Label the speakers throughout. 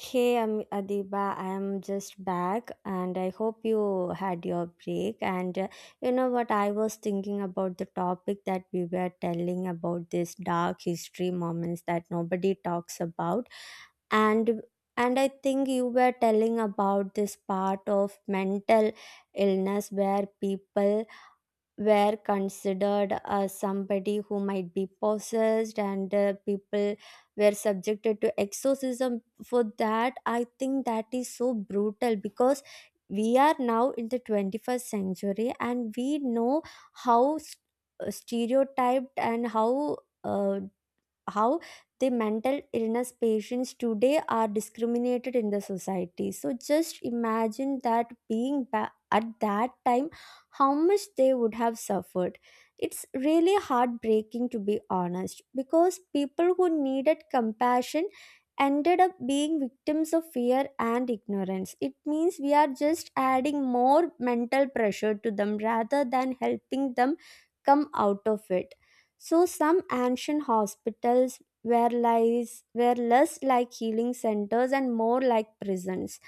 Speaker 1: Hey, I'm Adiba. I'm just back, and I hope you had your break. And you know what? I was thinking about the topic that we were telling about, this dark history moments that nobody talks about, and and I think you were telling about this part of mental illness where people were considered as somebody who might be possessed, and people were subjected to exorcism for that. I think that is so brutal because we are now in the 21st century and we know how stereotyped and how uh, how the mental illness patients today are discriminated in the society. So just imagine that being at that time, how much they would have suffered. It's really heartbreaking, to be honest, because people who needed compassion ended up being victims of fear and ignorance. It means we are just adding more mental pressure to them rather than helping them come out of it. So some ancient hospitals were less like healing centers and more like prisons,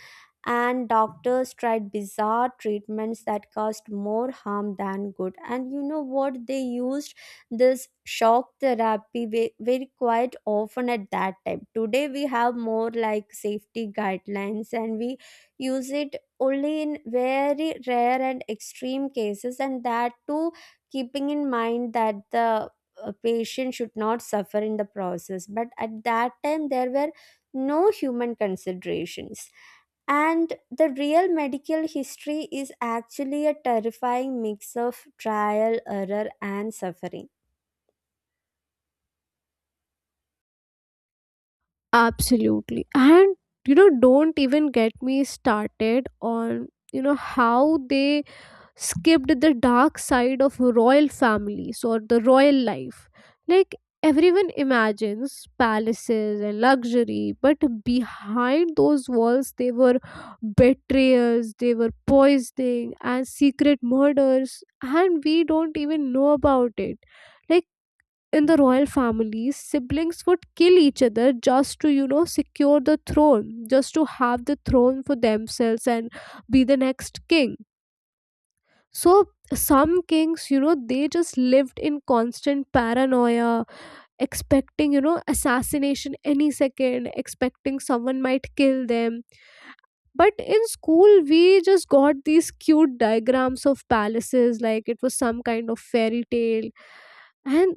Speaker 1: and doctors tried bizarre treatments that caused more harm than good. And you know what they used? This shock therapy very quite often at that time. Today we have more like safety guidelines and we use it only in very rare and extreme cases, and that too keeping in mind that the patient should not suffer in the process. But at that time there were no human considerations, and the real medical history is actually a terrifying mix of trial, error, and suffering.
Speaker 2: Absolutely. And don't even get me started on how they skipped the dark side of royal families or the royal life. Like Everyone imagines palaces and luxury, but behind those walls they were betrayals, they were poisoning and secret murders, and we don't even know about it. Like in the royal families, siblings would kill each other just to secure the throne, just to have the throne for themselves and be the next king. So some kings, they just lived in constant paranoia, expecting assassination any second, expecting someone might kill them. But in school we just got these cute diagrams of palaces like it was some kind of fairy tale, and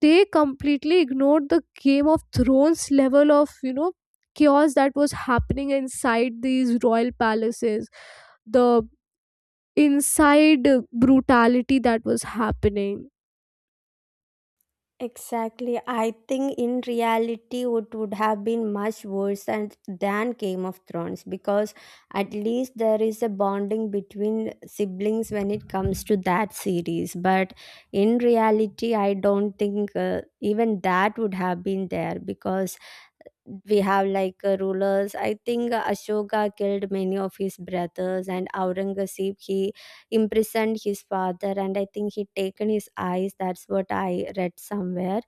Speaker 2: they completely ignored the Game of Thrones level of chaos that was happening inside these royal palaces, the inside brutality that was happening.
Speaker 1: Exactly. I think in reality it would have been much worse than Game of Thrones, because at least there is a bonding between siblings when it comes to that series. But in reality, I don't think even that would have been there. Because we have like rulers, I think Ashoka killed many of his brothers, and Aurangzeb, he imprisoned his father and I think he taken his eyes. That's what I read somewhere.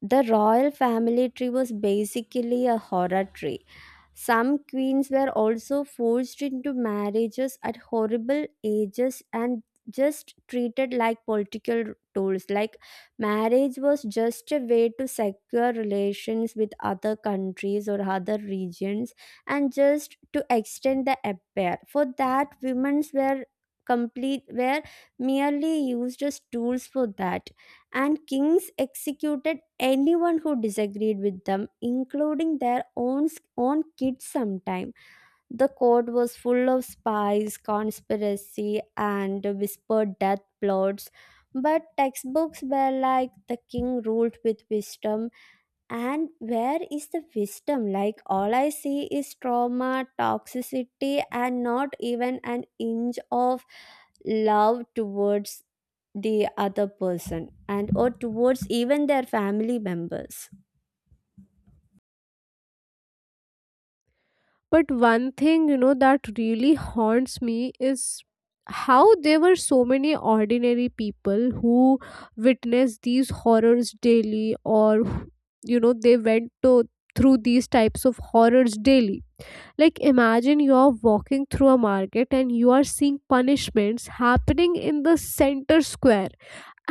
Speaker 1: The royal family tree was basically a horror tree. Some queens were also forced into marriages at horrible ages and just treated like political tools. Like marriage was just a way to secure relations with other countries or other regions, and just to extend the empire. For that, women's were merely used as tools for that. And kings executed anyone who disagreed with them, including their own own kids sometime. The court was full of spies, conspiracy, and whispered death plots. But textbooks were like, the king ruled with wisdom. And where is the wisdom? Like all I see is trauma, toxicity, and not even an inch of love towards the other person, and or towards even their family members.
Speaker 2: But one thing that really haunts me is how there were so many ordinary people who witnessed these horrors daily, or they went to through these types of horrors daily. Like, imagine you're walking through a market and you are seeing punishments happening in the center square,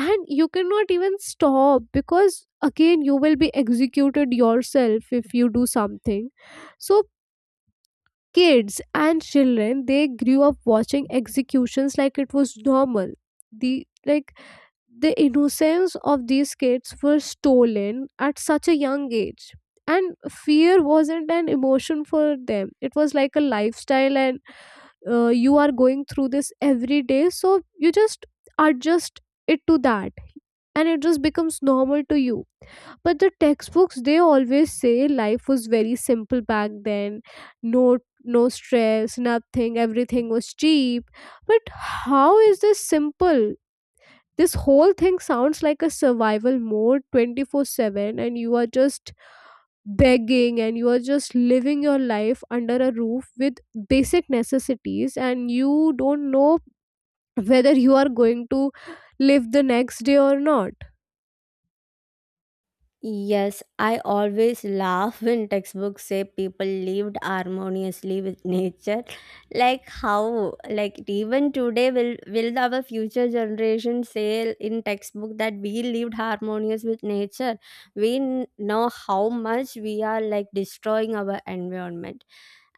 Speaker 2: and you cannot even stop because again, you will be executed yourself if you do something. So, kids and children they grew up watching executions like it was normal. The like the innocence of these kids were stolen at such a young age, and fear wasn't an emotion for them, it was like a lifestyle. And you are going through this every day, so you just adjust it to that, and it just becomes normal to you. But the textbooks, they always say life was very simple back then. No, no stress, nothing, everything was cheap. But how is this simple? This whole thing sounds like a survival mode 24/7, and you are just begging and you are just living your life under a roof with basic necessities, and you don't know whether you are going to live the next day or not.
Speaker 1: Yes, I always laugh when textbooks say people lived harmoniously with nature. Like how? Like even today, will our future generation say in textbook that we lived harmonious with nature? We know how much we are like destroying our environment.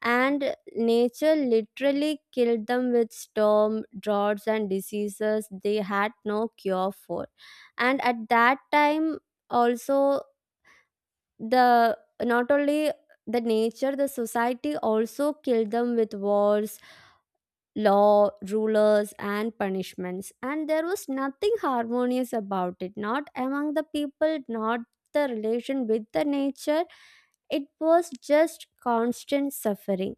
Speaker 1: And nature literally killed them with storm, droughts and diseases they had no cure for. And at that time also, the not only the nature, the society also killed them with wars, law, rulers, and punishments. And there was nothing harmonious about it, not among the people, not the relation with the nature. It was just constant suffering.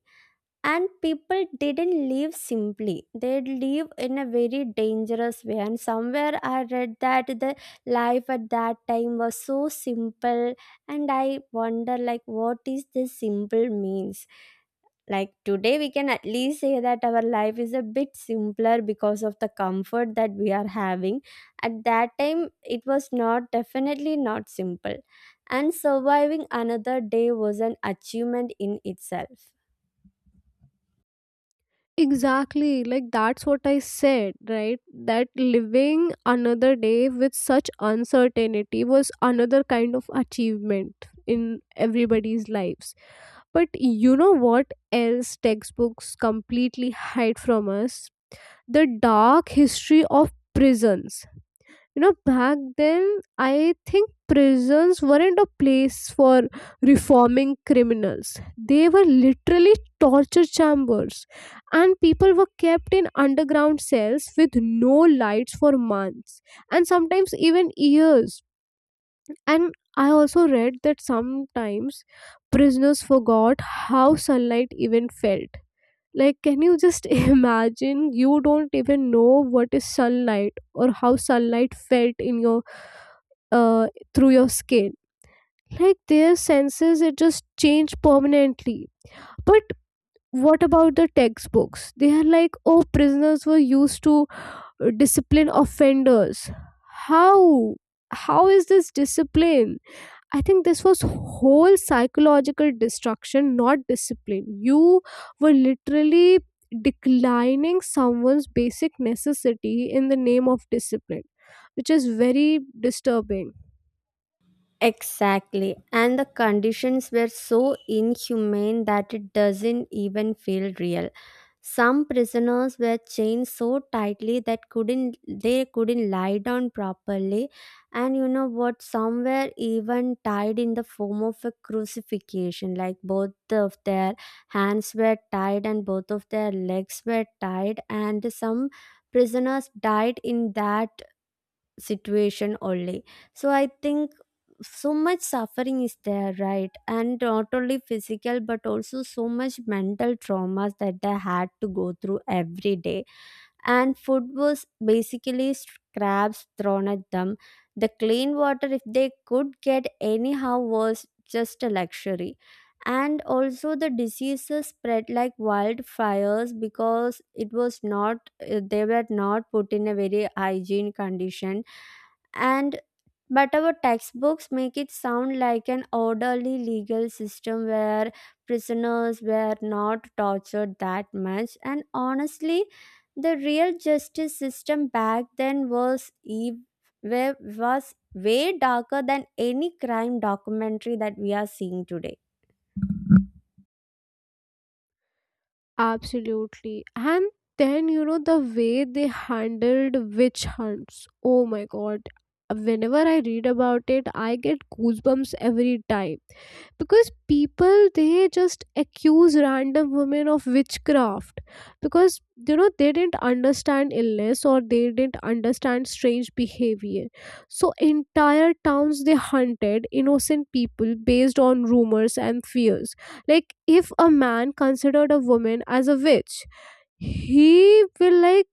Speaker 1: And people didn't live simply, they live in a very dangerous way. And somewhere I read that the life at that time was so simple, and I wonder like what is this simple means. Like today we can at least say that our life is a bit simpler because of the comfort that we are having. At that time it was not, definitely not simple, and surviving another day was an achievement in itself.
Speaker 2: Exactly, like that's what I said, right? That living another day with such uncertainty was another kind of achievement in everybody's lives. But you know what else textbooks completely hide from us? The dark history of prisons. Back then, I think prisons weren't a place for reforming criminals, they were literally torture chambers. And people were kept in underground cells with no lights for months, and sometimes even years. And I also read that sometimes prisoners forgot how sunlight even felt. Like, can you just imagine you don't even know what is sunlight or how sunlight felt in your uh, through your skin. Like their senses, it just changed permanently. But what about the textbooks? They are like, oh, prisoners were used to discipline offenders. How? How is this discipline? I think this was whole psychological destruction, not discipline. You were literally declining someone's basic necessity in the name of discipline, which is very disturbing.
Speaker 1: Exactly. And the conditions were so inhumane that it doesn't even feel real. Some prisoners were chained so tightly that couldn't lie down properly. And you know what, some were even tied in the form of a crucifixion, like both of their hands were tied and both of their legs were tied, and some prisoners died in that situation only. So I think so much suffering is there, right? And not only physical but also so much mental traumas that they had to go through every day. And food was basically scraps thrown at them. The clean water, if they could get anyhow, was just a luxury. And also the diseases spread like wildfires because it was not, they were not put in a very hygiene condition. And but our textbooks make it sound like an orderly legal system where prisoners were not tortured that much. And honestly, the real justice system back then was ev- was way darker than any crime documentary that we are seeing today.
Speaker 2: Absolutely. And then, the way they handled witch hunts. Oh my god. Whenever I read about it, I get goosebumps every time. Because people, they just accuse random women of witchcraft. Because, they didn't understand illness or they didn't understand strange behavior. So, entire towns they hunted innocent people based on rumors and fears. Like if a man considered a woman as a witch, he will like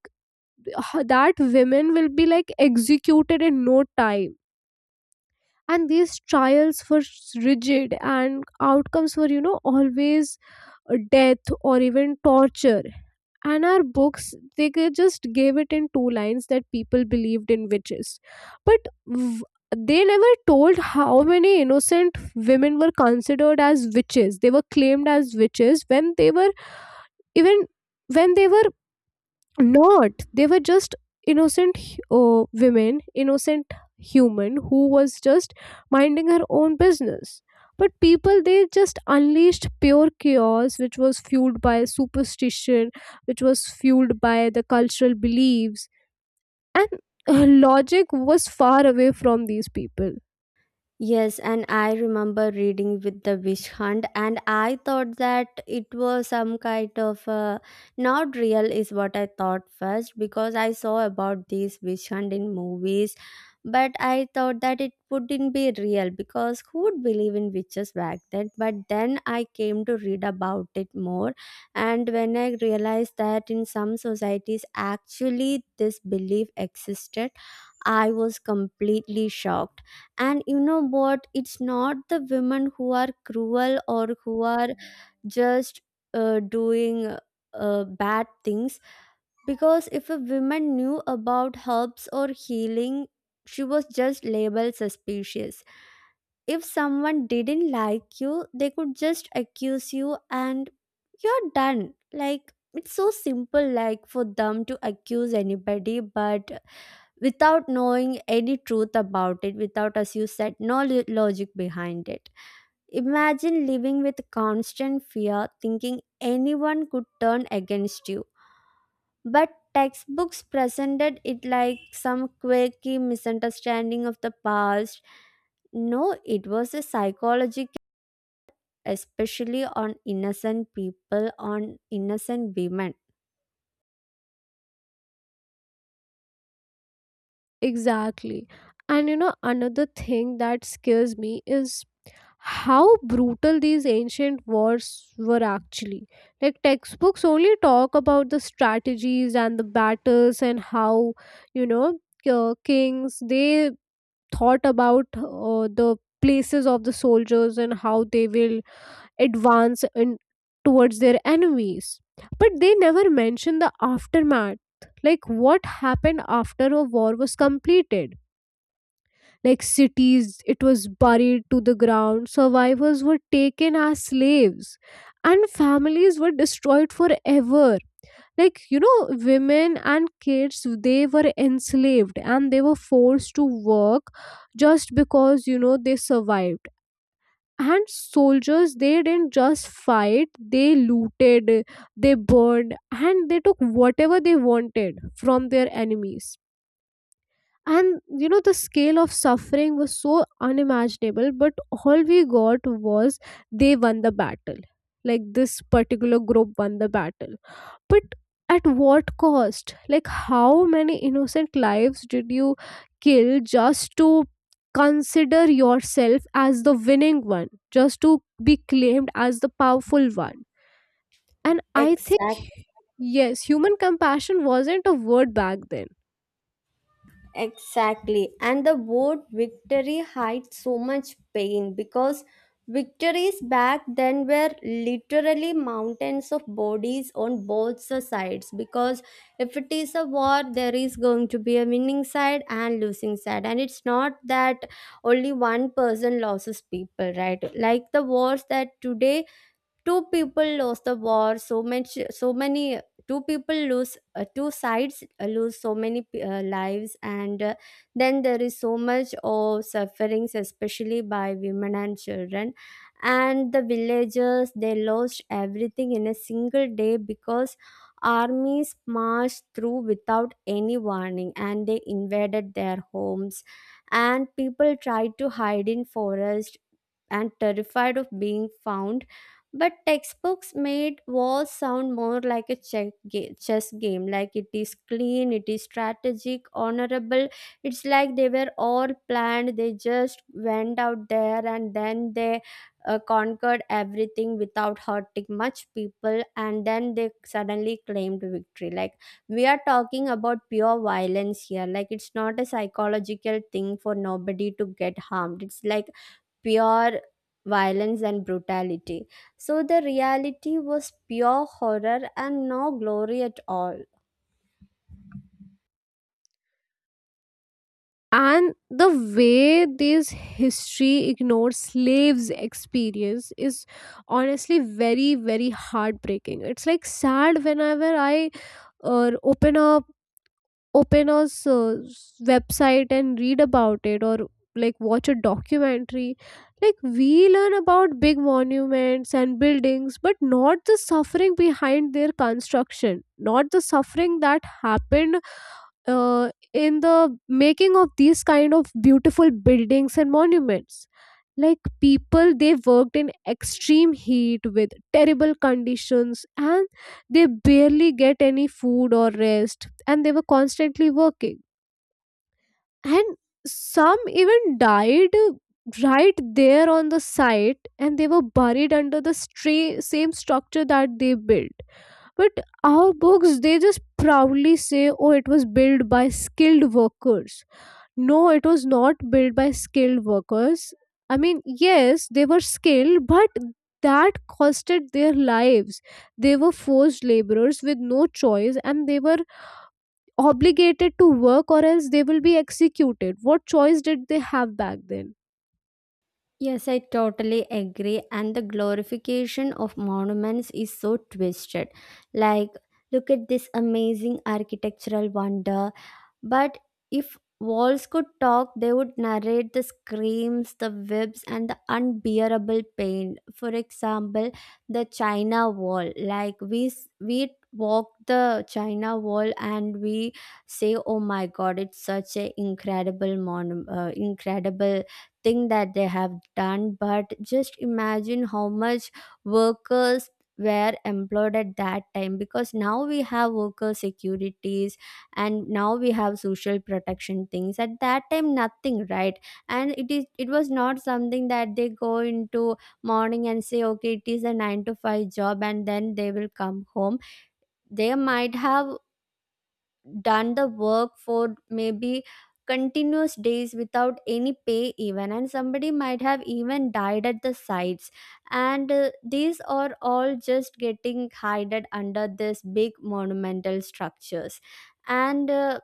Speaker 2: that women will be like executed in no time. And these trials were rigid, and outcomes were always death or even torture. And our books, they just gave it in two lines that people believed in witches. but v- they never told how many innocent women were considered as witches, they were claimed as witches when they were even when they were not, they were just innocent women, innocent human who was just minding her own business. But people, they just unleashed pure chaos, which was fueled by superstition, which was fueled by the cultural beliefs. And logic was far away from these people.
Speaker 1: Yes, and I remember reading with the Wish Hunt, and I thought that it was some kind of not real, is what I thought first, because I saw about these Wish Hunt in movies. But I thought that it wouldn't be real because who would believe in witches back then? But then I came to read about it more, and when I realized that in some societies, actually, this belief existed, I was completely shocked. And you know what, it's not the women who are cruel or who are just doing bad things. Because if a woman knew about herbs or healing, she was just labeled suspicious. If someone didn't like you, they could just accuse you and you're done. Like it's so simple like for them to accuse anybody, but without knowing any truth about it, without, as you said, no logic behind it. Imagine living with constant fear, thinking anyone could turn against you. But textbooks presented it like some quirky misunderstanding of the past. No, it was a psychological, especially on innocent people, on innocent women.
Speaker 2: Exactly. And another thing that scares me is how brutal these ancient wars were actually. Like textbooks only talk about the strategies and the battles and how you know kings, they thought about the places of the soldiers and how they will advance in towards their enemies. But they never mention the aftermath, like what happened after a war was completed. Like cities, it was buried to the ground. Survivors were taken as slaves, and families were destroyed forever. Like, women and kids, they were enslaved and they were forced to work just because, they survived. And soldiers, they didn't just fight, they looted, they burned, and they took whatever they wanted from their enemies. And the scale of suffering was so unimaginable, but all we got was they won the battle, like this particular group won the battle. But at what cost? Like how many innocent lives did you kill just to consider yourself as the winning one, just to be claimed as the powerful one? And I think
Speaker 1: Exactly.
Speaker 2: yes, human compassion wasn't a word back then.
Speaker 1: Exactly. And the word victory hides so much pain, because victories back then were literally mountains of bodies on both the sides. Because if it is a war, there is going to be a winning side and losing side. And it's not that only one person loses people, right? Like the wars that today, two people lost the war so much so many two people lose, two sides lose so many lives. And then there is so much of sufferings, especially by women and children. And the villagers, they lost everything in a single day because armies marched through without any warning and they invaded their homes, and people tried to hide in forest and terrified of being found. But textbooks made wars sound more like a chess game. Like it is clean, it is strategic, honorable. It's like they were all planned. They just went out there and then they conquered everything without hurting much people. And then they suddenly claimed victory. Like we are talking about pure violence here. Like it's not a psychological thing for nobody to get harmed. It's like pure violence and brutality. So the reality was pure horror and no glory at all.
Speaker 2: And the way this history ignores slaves experience is honestly very, very heartbreaking. It's like sad whenever I open open a website and read about it or like watch a documentary. Like we learn about big monuments and buildings, but not the suffering behind their construction, not the suffering that happened in the making of these kind of beautiful buildings and monuments. Like people, they worked in extreme heat with terrible conditions, and they barely get any food or rest, and they were constantly working. And some even died right there on the site, and they were buried under the same structure that they built. But our books, they just proudly say, oh, it was built by skilled workers. No, it was not built by skilled workers. I mean, yes, they were skilled, but that costed their lives. They were forced laborers with no choice, and they were obligated to work or else they will be executed. What choice did they have back then?
Speaker 1: Yes, I totally agree. And the glorification of monuments is so twisted. Like, look at this amazing architectural wonder. But if walls could talk, they would narrate the screams, the whips, and the unbearable pain. For example, the China Wall. Like we we walk the China Wall and we say, "Oh my God, it's such a incredible incredible thing that they have done." But just imagine how much workers were employed at that time, because now we have worker securities and now we have social protection things. At that time, nothing, right? And it is, it was not something that they go into morning and say, okay, it is a 9 to 5 job and then they will come home. They might have done the work for maybe continuous days without any pay even, and somebody might have even died at the sites. And these are all just getting hided under this big monumental structures. And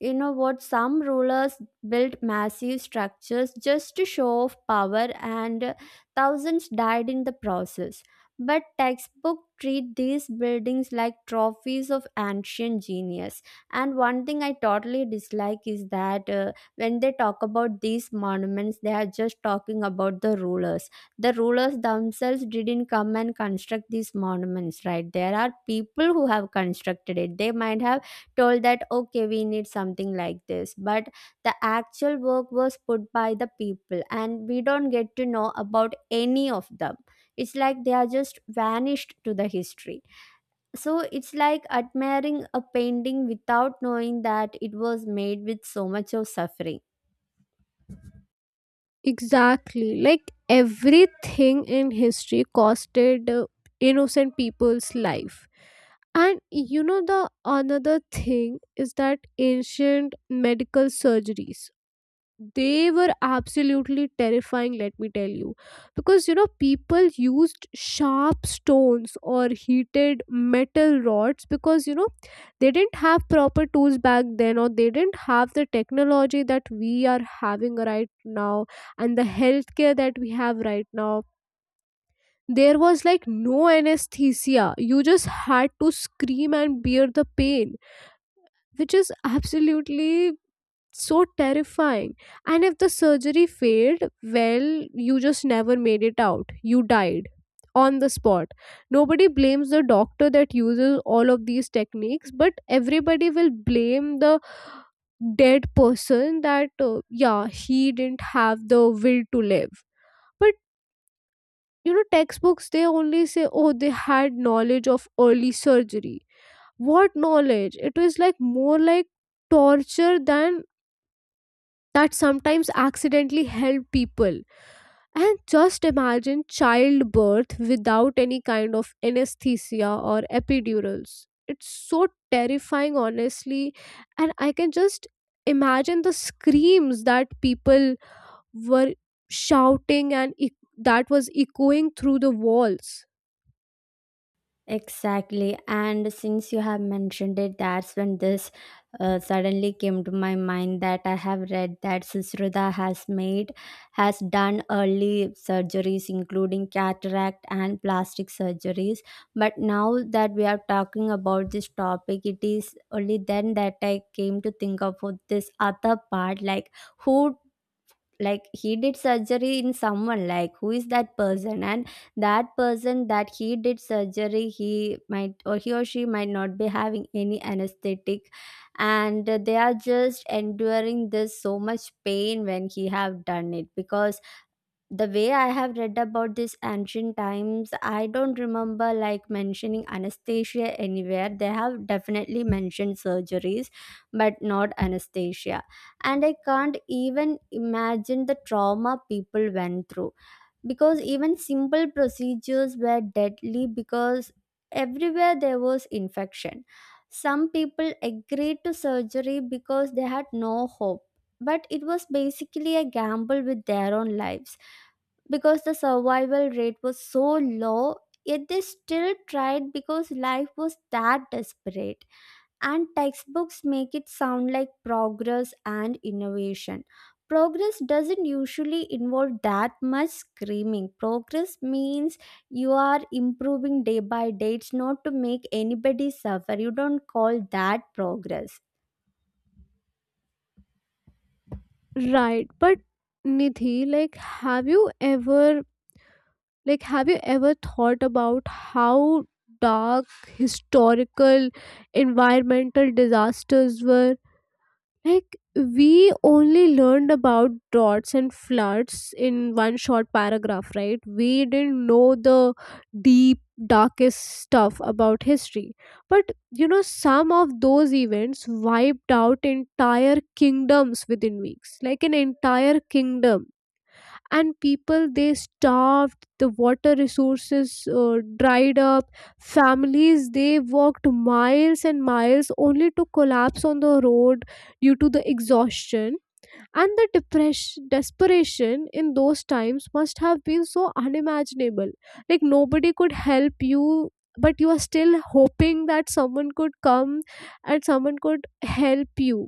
Speaker 1: you know what? Some rulers built massive structures just to show off power, and thousands died in the process. But textbooks treat these buildings like trophies of ancient genius. And one thing I totally dislike is that when they talk about these monuments, they are just talking about the rulers. The rulers themselves didn't come and construct these monuments, right? There are people who have constructed it. They might have told that okay, we need something like this, but the actual work was put by the people and we don't get to know about any of them. It's like they are just vanished to the history. So it's like admiring a painting without knowing that it was made with so much of suffering.
Speaker 2: Exactly. Like everything in history costed innocent people's life. And the another thing is that ancient medical surgeries, they were absolutely terrifying, let me tell you. Because people used sharp stones or heated metal rods, because they didn't have proper tools back then, or they didn't have the technology that we are having right now and the healthcare that we have right now. There was like no anesthesia, you just had to scream and bear the pain, which is absolutely so terrifying. And if the surgery failed, well, you just never made it out, you died on the spot. Nobody blames the doctor that uses all of these techniques, but everybody will blame the dead person, that yeah, he didn't have the will to live. But textbooks, they only say, oh, they had knowledge of early surgery. What knowledge? It was like more like torture than that sometimes accidentally help people. And just imagine childbirth without any kind of anesthesia or epidurals. It's so terrifying, honestly. And I can just imagine the screams that people were shouting and that was echoing through the walls.
Speaker 1: Exactly. And since you have mentioned it, that's when this suddenly came to my mind, that I have read that Sisruda has made, has done early surgeries, including cataract and plastic surgeries. But now that we are talking about this topic, it is only then that I came to think of this other part, like who, like he did surgery in someone, like who is that person. And that person that he did surgery, he might, or he or she might not be having any anesthetic, and they are just enduring this so much pain when he have done it. Because the way I have read about this ancient times, I don't remember like mentioning anesthesia anywhere. They have definitely mentioned surgeries, but not anesthesia. And I can't even imagine the trauma people went through, because even simple procedures were deadly because everywhere there was infection. Some people agreed to surgery because they had no hope, but it was basically a gamble with their own lives, because the survival rate was so low. Yet they still tried because life was that desperate. And textbooks make it sound like progress and innovation. Progress doesn't usually involve that much screaming. Progress means you are improving day by day. It's not to make anybody suffer. You don't call that progress.
Speaker 2: Right. But Nidhi, like, have you ever Like, have you ever thought about how dark historical environmental disasters were? Like, we only learned about droughts and floods in one short paragraph, right? We didn't know the deep, darkest stuff about history. But some of those events wiped out entire kingdoms within weeks, like an entire kingdom. And people, they starved, the water resources dried up. Families, they walked miles and miles only to collapse on the road due to the exhaustion. And the depression desperation in those times must have been so unimaginable. Like nobody could help you, but you are still hoping that someone could come and someone could help you.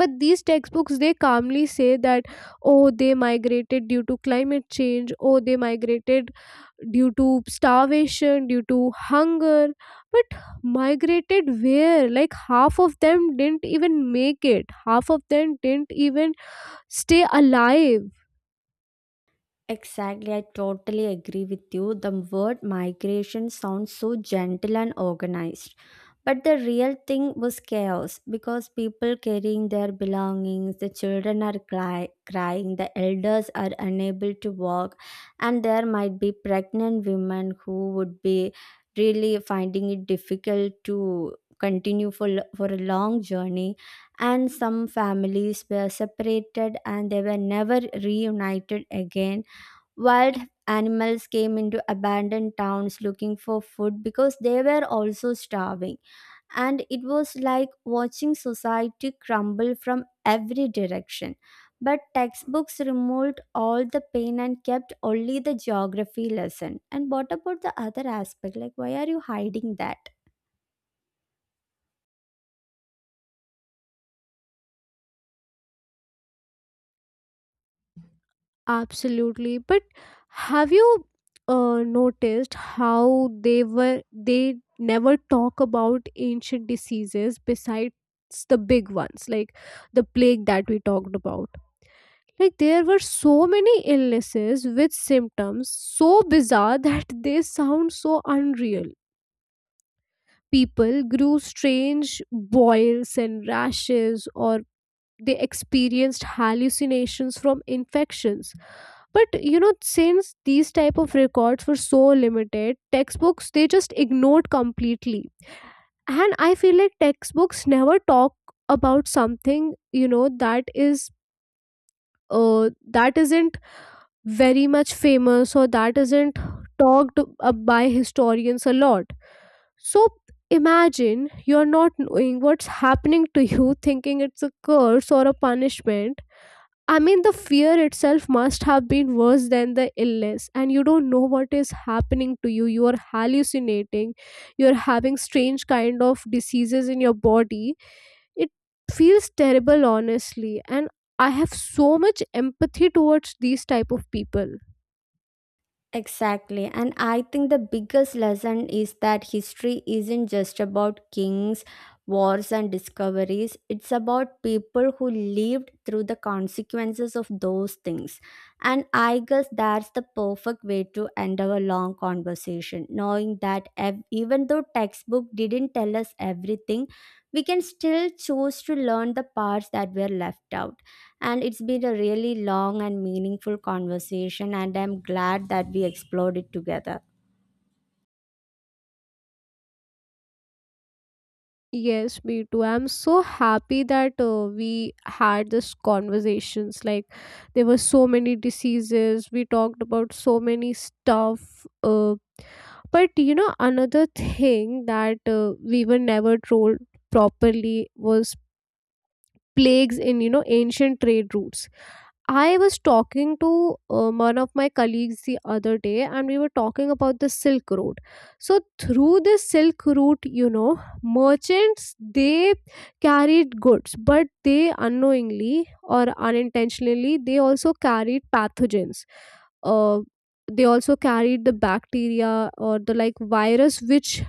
Speaker 2: But these textbooks, they calmly say that, oh, they migrated due to climate change, oh, they migrated due to starvation, due to hunger. But migrated where? Like half of them didn't even make it, half of them didn't even stay alive.
Speaker 1: Exactly, I totally agree with you. The word migration sounds so gentle and organized. But the real thing was chaos, because people carrying their belongings, the children are crying, the elders are unable to walk, and there might be pregnant women who would be really finding it difficult to continue for, for a long journey. And some families were separated and they were never reunited again. Wild animals came into abandoned towns looking for food because they were also starving, and it was like watching society crumble from every direction. But textbooks removed all the pain and kept only the geography lesson. And what about the other aspect? Like, why are you hiding that?
Speaker 2: Absolutely. But have you noticed how they were they never talk about ancient diseases besides the big ones like the plague that we talked about? Like there were so many illnesses with symptoms so bizarre that they sound so unreal. People grew strange boils and rashes, or they experienced hallucinations from infections. But since these type of records were so limited, textbooks, they just ignored completely. And I feel like textbooks never talk about something that is uh, that isn't very much famous, or that isn't talked by historians a lot. So imagine you're not knowing what's happening to you, thinking it's a curse or a punishment. I mean, the fear itself must have been worse than the illness, and you don't know what is happening to you. You are hallucinating, you're having strange kind of diseases in your body. It feels terrible, honestly, and I have so much empathy towards these type of people.
Speaker 1: Exactly. And I think the biggest lesson is that history isn't just about kings, wars, and discoveries. It's about people who lived through the consequences of those things. And I guess that's the perfect way to end our long conversation, knowing that even though textbook didn't tell us everything, we can still choose to learn the parts that were left out. And it's been a really long and meaningful conversation, and I'm glad that we explored it together.
Speaker 2: Yes, me too. I'm so happy that we had this conversations. Like there were so many diseases. We talked about so many stuff. But another thing that we were never told properly was plagues in ancient trade routes. I was talking to one of my colleagues the other day, and we were talking about the Silk Road. So, through the Silk Route, merchants, they carried goods, but they unknowingly or unintentionally they also carried pathogens. Uh, they also carried the bacteria or the like virus which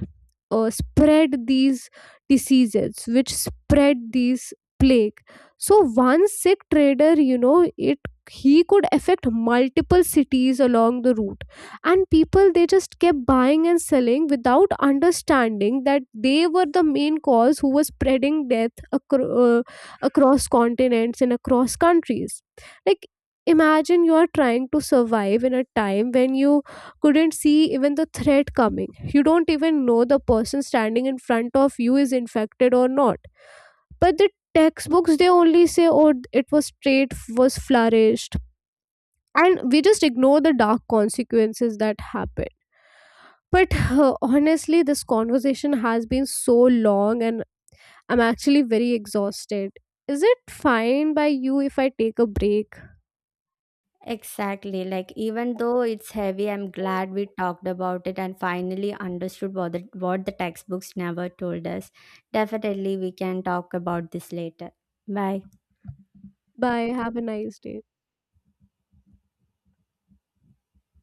Speaker 2: spread these diseases, which spread these plague. So one sick trader, you know it he could affect multiple cities along the route. And people, they just kept buying and selling without understanding that they were the main cause who was spreading death across continents and across countries. Like imagine you are trying to survive in a time when you couldn't see even the threat coming, you don't even know the person standing in front of you is infected or not. But the textbooks, they only say, oh, it was trait was flourished, and we just ignore the dark consequences that happen. But honestly this conversation has been so long, and I'm actually very exhausted. Is it fine by you if I take a break?
Speaker 1: Exactly. Like, even though it's heavy, I'm glad we talked about it and finally understood what the textbooks never told us. Definitely, we can talk about this later. Bye.
Speaker 2: Bye, have a nice day.